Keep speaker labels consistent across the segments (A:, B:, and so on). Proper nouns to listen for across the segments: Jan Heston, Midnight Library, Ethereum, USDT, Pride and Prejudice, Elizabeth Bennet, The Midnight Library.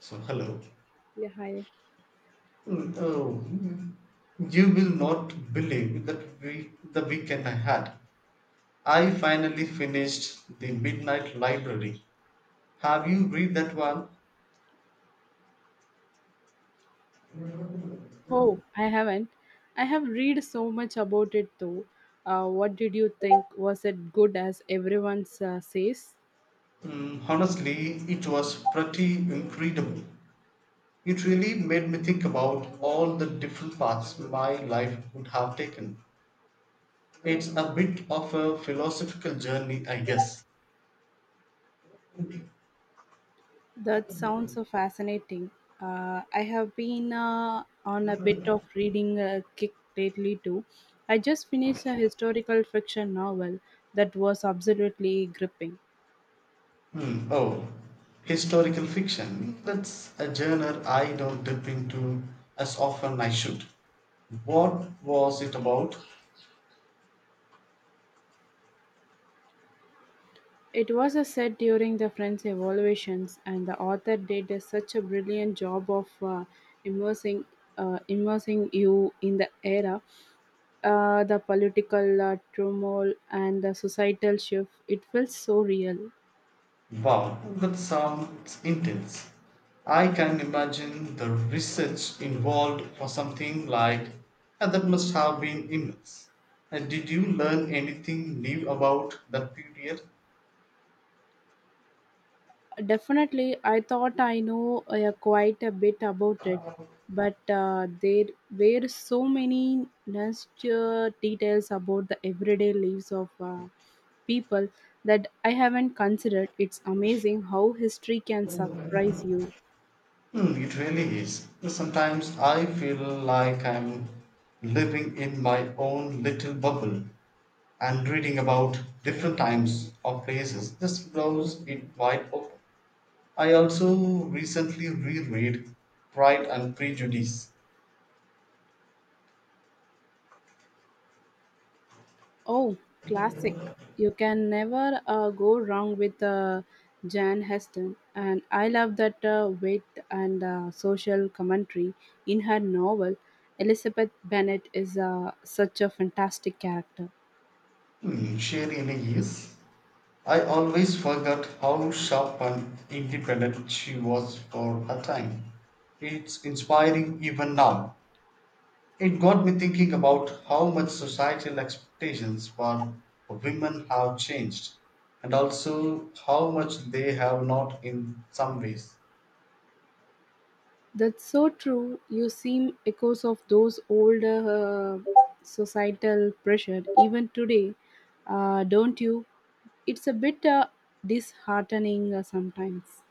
A: So, hello.
B: Yeah, hi.
A: Mm, Oh, mm, you will not believe the weekend I had. I finally finished The Midnight Library. Have you read that one?
B: Oh, I haven't. I have read so much about it though. What did you think? Was it good as everyone says?
A: Honestly, it was pretty incredible. It really made me think about all the different paths my life would have taken. It's a bit of a philosophical journey, I guess.
B: That sounds so fascinating. I have been on a bit of reading kick lately too. I just finished a historical fiction novel that was absolutely gripping.
A: Hmm. Oh, historical fiction. That's a genre I don't dip into as often I should. What was it about?
B: It was a set during the French evaluations, and the author such a brilliant job of immersing, immersing you in the era, the political turmoil, and the societal shift. It felt so real.
A: Wow, that sounds intense. I can imagine the research involved for something like and that must have been immense. And did you learn anything new about that period?
B: Definitely, I thought I know quite a bit about it, but there were so many nuanced details about the everyday lives of people that I haven't considered. It's amazing how history can surprise you.
A: It really is. Sometimes I feel like I'm living in my own little bubble, and reading about different times or places just blows it wide open. I also recently reread Pride and Prejudice.
B: Oh, classic. You can never go wrong with Jan Heston. And I love that wit and social commentary in her novel. Elizabeth Bennet is such a fantastic character.
A: Sherry Ellis. I always forgot how sharp and independent she was for her time. It's inspiring even now. It got me thinking about how much societal expectations for women have changed, and also how much they have not in some ways.
B: That's so true. You seem echoes of those old societal pressure even today, don't you? It's a bit disheartening sometimes.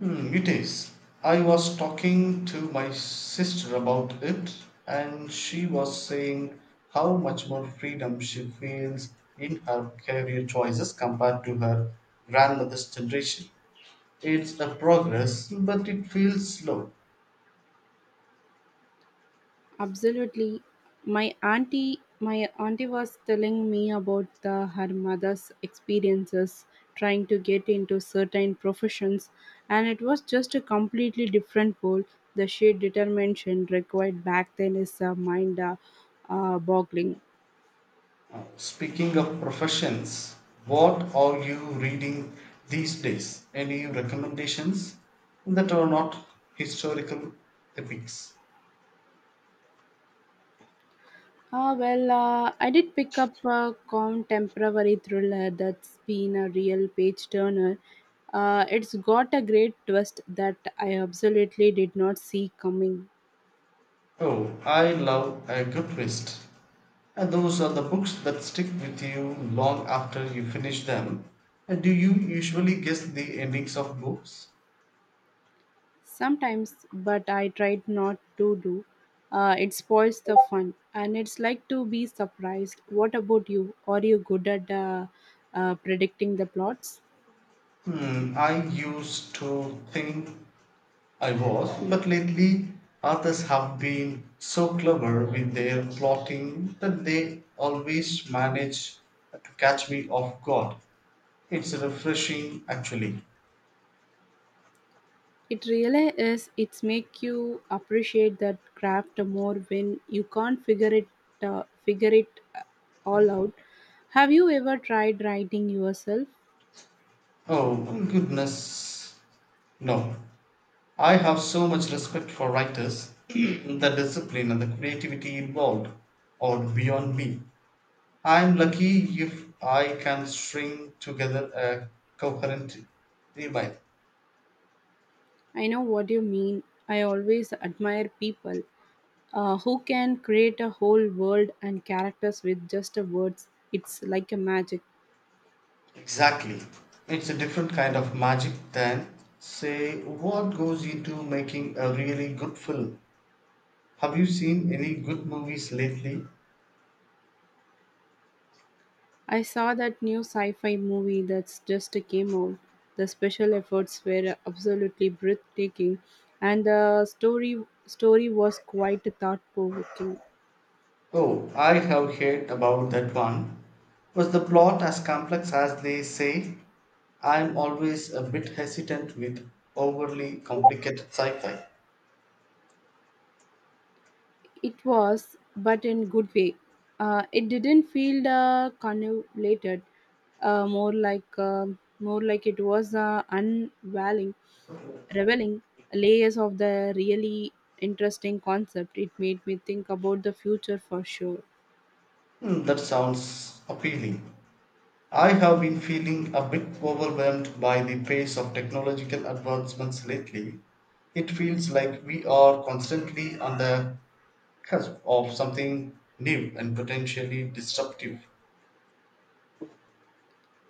A: It is. I was talking to my sister about it, and she was saying how much more freedom she feels in her career choices compared to her grandmother's generation. It's a progress, but it feels slow.
B: Absolutely. My auntie was telling me about her mother's experiences trying to get into certain professions, and it was just a completely different world. The sheer determination required back then is mind boggling.
A: Speaking of professions, what are you reading these days? Any recommendations that are not historical epics?
B: Ah well, I did pick up a contemporary thriller that's been a real page turner. It's got a great twist that I absolutely did not see coming.
A: Oh, I love a good twist. And those are the books that stick with you long after you finish them. And do you usually guess the endings of books?
B: Sometimes, but I tried not to do. It spoils the fun, and it's like to be surprised. What about you? Are you good at predicting the plots?
A: I used to think I was, but lately authors have been so clever with their plotting that they always manage to catch me off guard. It's refreshing, actually.
B: It really is. It's make you appreciate that craft more when you can't figure it uh, all out. Have you ever tried writing yourself?
A: Oh, goodness. No. I have so much respect for writers. The discipline and the creativity involved are beyond me. I'm lucky if I can string together a coherent email.
B: I know what you mean. I always admire people who can create a whole world and characters with just a words. It's like a magic.
A: Exactly. It's a different kind of magic than, say, what goes into making a really good film. Have you seen any good movies lately?
B: I saw that new sci-fi movie that's just came out. The special efforts were absolutely breathtaking, and the story was quite thought-provoking.
A: Oh, I have heard about that one. Was the plot as complex as they say? I'm always a bit hesitant with overly complicated sci fi.
B: It was, but in good way. It didn't feel convoluted, more like it was revealing layers of the really interesting concept. It made me think about the future for sure.
A: That sounds appealing. I have been feeling a bit overwhelmed by the pace of technological advancements lately. It feels like we are constantly on the cusp of something new and potentially disruptive.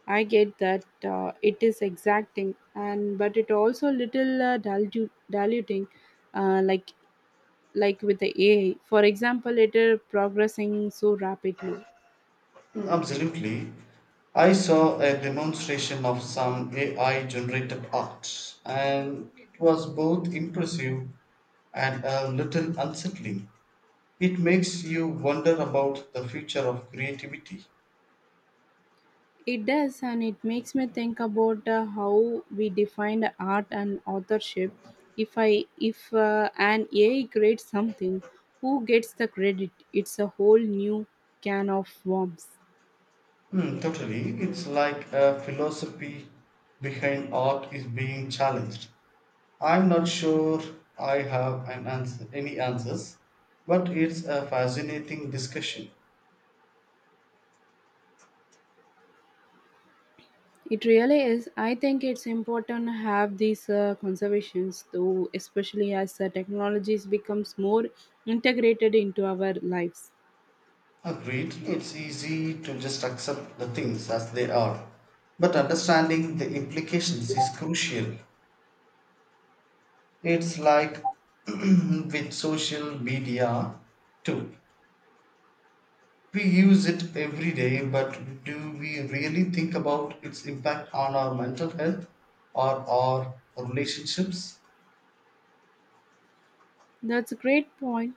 B: I get that it is exacting, and but it also little diluting, uh, like like with the AI, for example, it is progressing so rapidly.
A: Absolutely. I saw a demonstration of some AI generated art, and it was both impressive and a little unsettling. It makes you wonder about the future of creativity.
B: It does, and it makes me think about how we define art and authorship. If an AI creates something, who gets the credit? It's a whole new can of worms.
A: Totally. It's like a philosophy behind art is being challenged. I'm not sure I have an answer, any answers, but it's a fascinating discussion.
B: It really is. I think it's important to have these conservations, though, especially as technologies becomes more integrated into our lives.
A: Agreed, it's easy to just accept the things as they are, but understanding the implications is crucial. It's like with social media too. We use it every day, but do we really think about its impact on our mental health or our relationships?
B: That's a great point.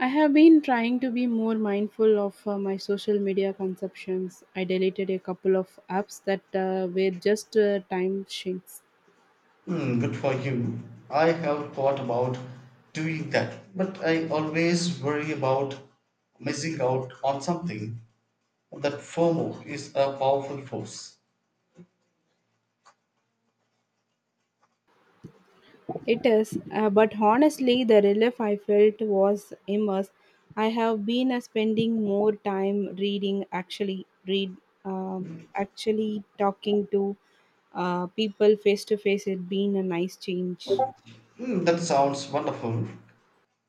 B: I have been trying to be more mindful of my social media consumptions. I deleted a couple of apps that were just time sinks.
A: Good for you. I have thought about doing that, but I always worry about missing out on something. That FOMO is a powerful force.
B: It is, but honestly, the relief I felt was immense. I have been spending more time reading, um actually talking to people face to face. It's been a nice change.
A: That sounds wonderful.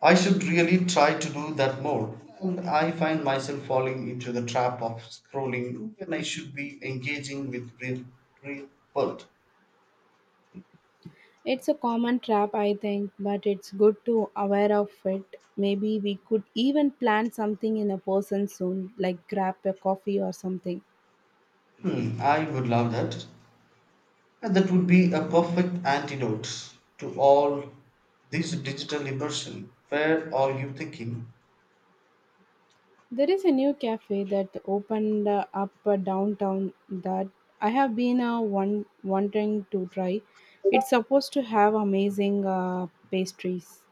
A: I should really try to do that more, and I find myself falling into the trap of scrolling when I should be engaging with real, real world.
B: It's a common trap, I think, but it's good to aware of it. Maybe we could even plan something in a person soon, like grab a coffee or something.
A: I would love that. And that would be a perfect antidote to all this digital immersion. Where are you thinking?
B: There is a new cafe that opened up downtown that I have been wanting to try. It's supposed to have amazing pastries.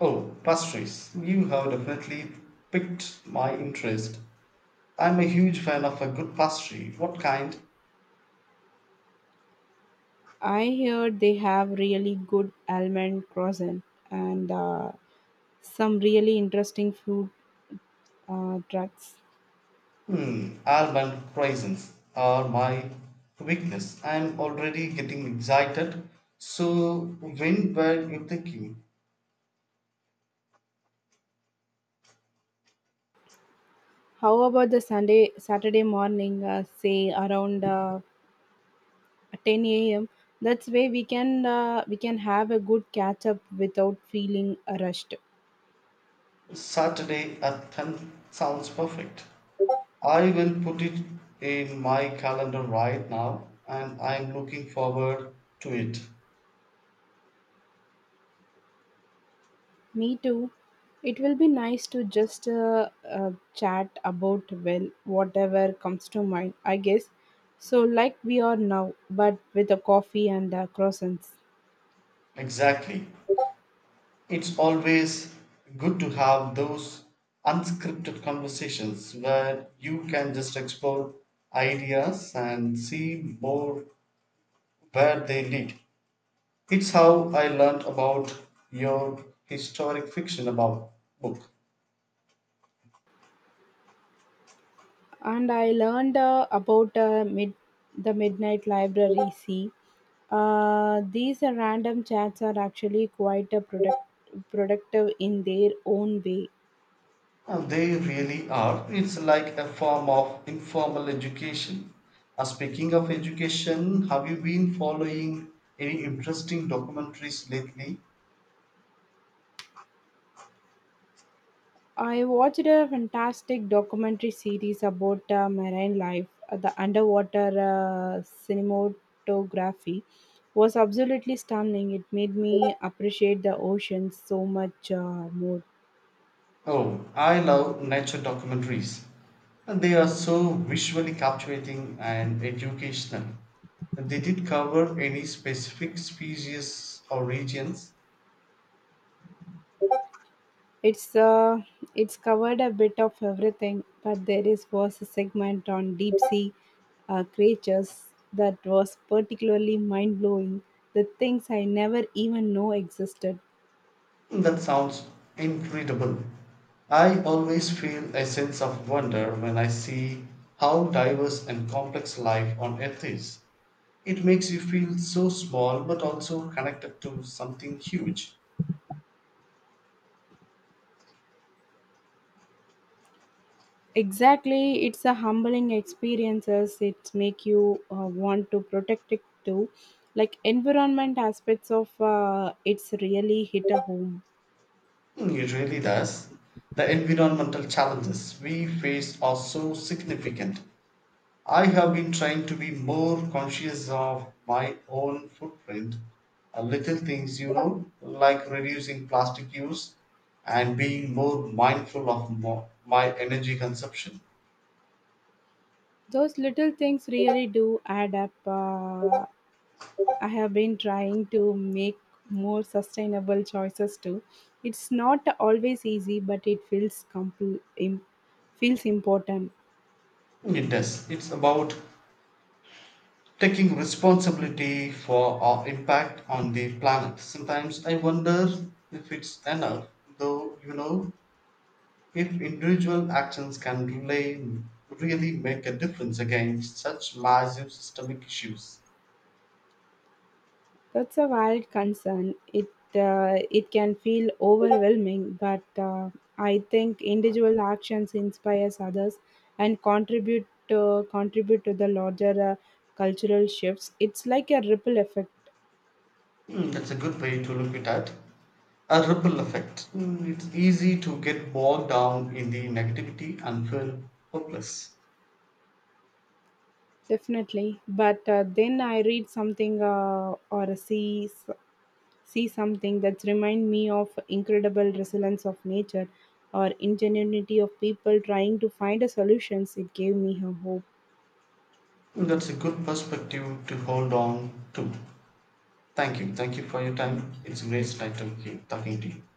A: Oh, pastries. You have definitely piqued my interest. I'm a huge fan of a good pastry. What kind?
B: I hear they have really good almond croissant and some really interesting food trucks.
A: Almond raisins are my weakness. I'm already getting excited. So, when were you thinking?
B: How about Saturday morning, say around 10 a.m. That's way we can have a good catch up without feeling rushed.
A: Saturday at 10 sounds perfect. I will put it in my calendar right now, and I'm looking forward to it.
B: Me too. It will be nice to just chat about well whatever comes to mind, I guess. So like we are now, but with a coffee and croissants.
A: Exactly. It's always good to have those unscripted conversations where you can just explore ideas and see more where they lead. It's how I learned about your historic fiction about book.
B: And I learned about the Midnight Library. See, these random chats are actually quite productive in their own way.
A: They really are. It's like a form of informal education. Speaking of education, have you been following any interesting documentaries lately?
B: I watched a fantastic documentary series about marine life. The underwater cinematography was absolutely stunning. It made me appreciate the ocean so much more.
A: Oh, I love nature documentaries. And They are so visually captivating and educational. They did cover any specific species or regions.
B: It's uh, it's covered a bit of everything, but there is was a segment on deep sea creatures that was particularly mind blowing. The things I never even know existed.
A: That sounds incredible. I always feel a sense of wonder when I see how diverse and complex life on earth is. It makes you feel so small but also connected to something huge.
B: Exactly, it's a humbling experiences. It make you want to protect it too. Like environment aspects of it's really hit a home.
A: It really does. The environmental challenges we face are so significant. I have been trying to be more conscious of my own footprint. Little things, you know, like reducing plastic use and being more mindful of my energy consumption.
B: Those little things really do add up. I have been trying to make more sustainable choices too. It's not always easy, but it feels feels important.
A: It does. It's about taking responsibility for our impact on the planet. Sometimes I wonder if it's enough, though, you know, if individual actions can really make a difference against such massive systemic issues.
B: That's a valid concern. It can feel overwhelming, but I think individual actions inspires others and contribute to the larger cultural shifts. It's like a ripple effect,
A: That's a good way to look at it. A ripple effect. It's easy to get bogged down in the negativity and feel hopeless.
B: definitely. But then I read something or see something that's remind me of incredible resilience of nature or ingenuity of people trying to find a solutions it gave me her hope.
A: That's a good perspective to hold on to. Thank you. Thank you for your
B: Thank
A: time.
B: you.
A: It's a great time talking to you.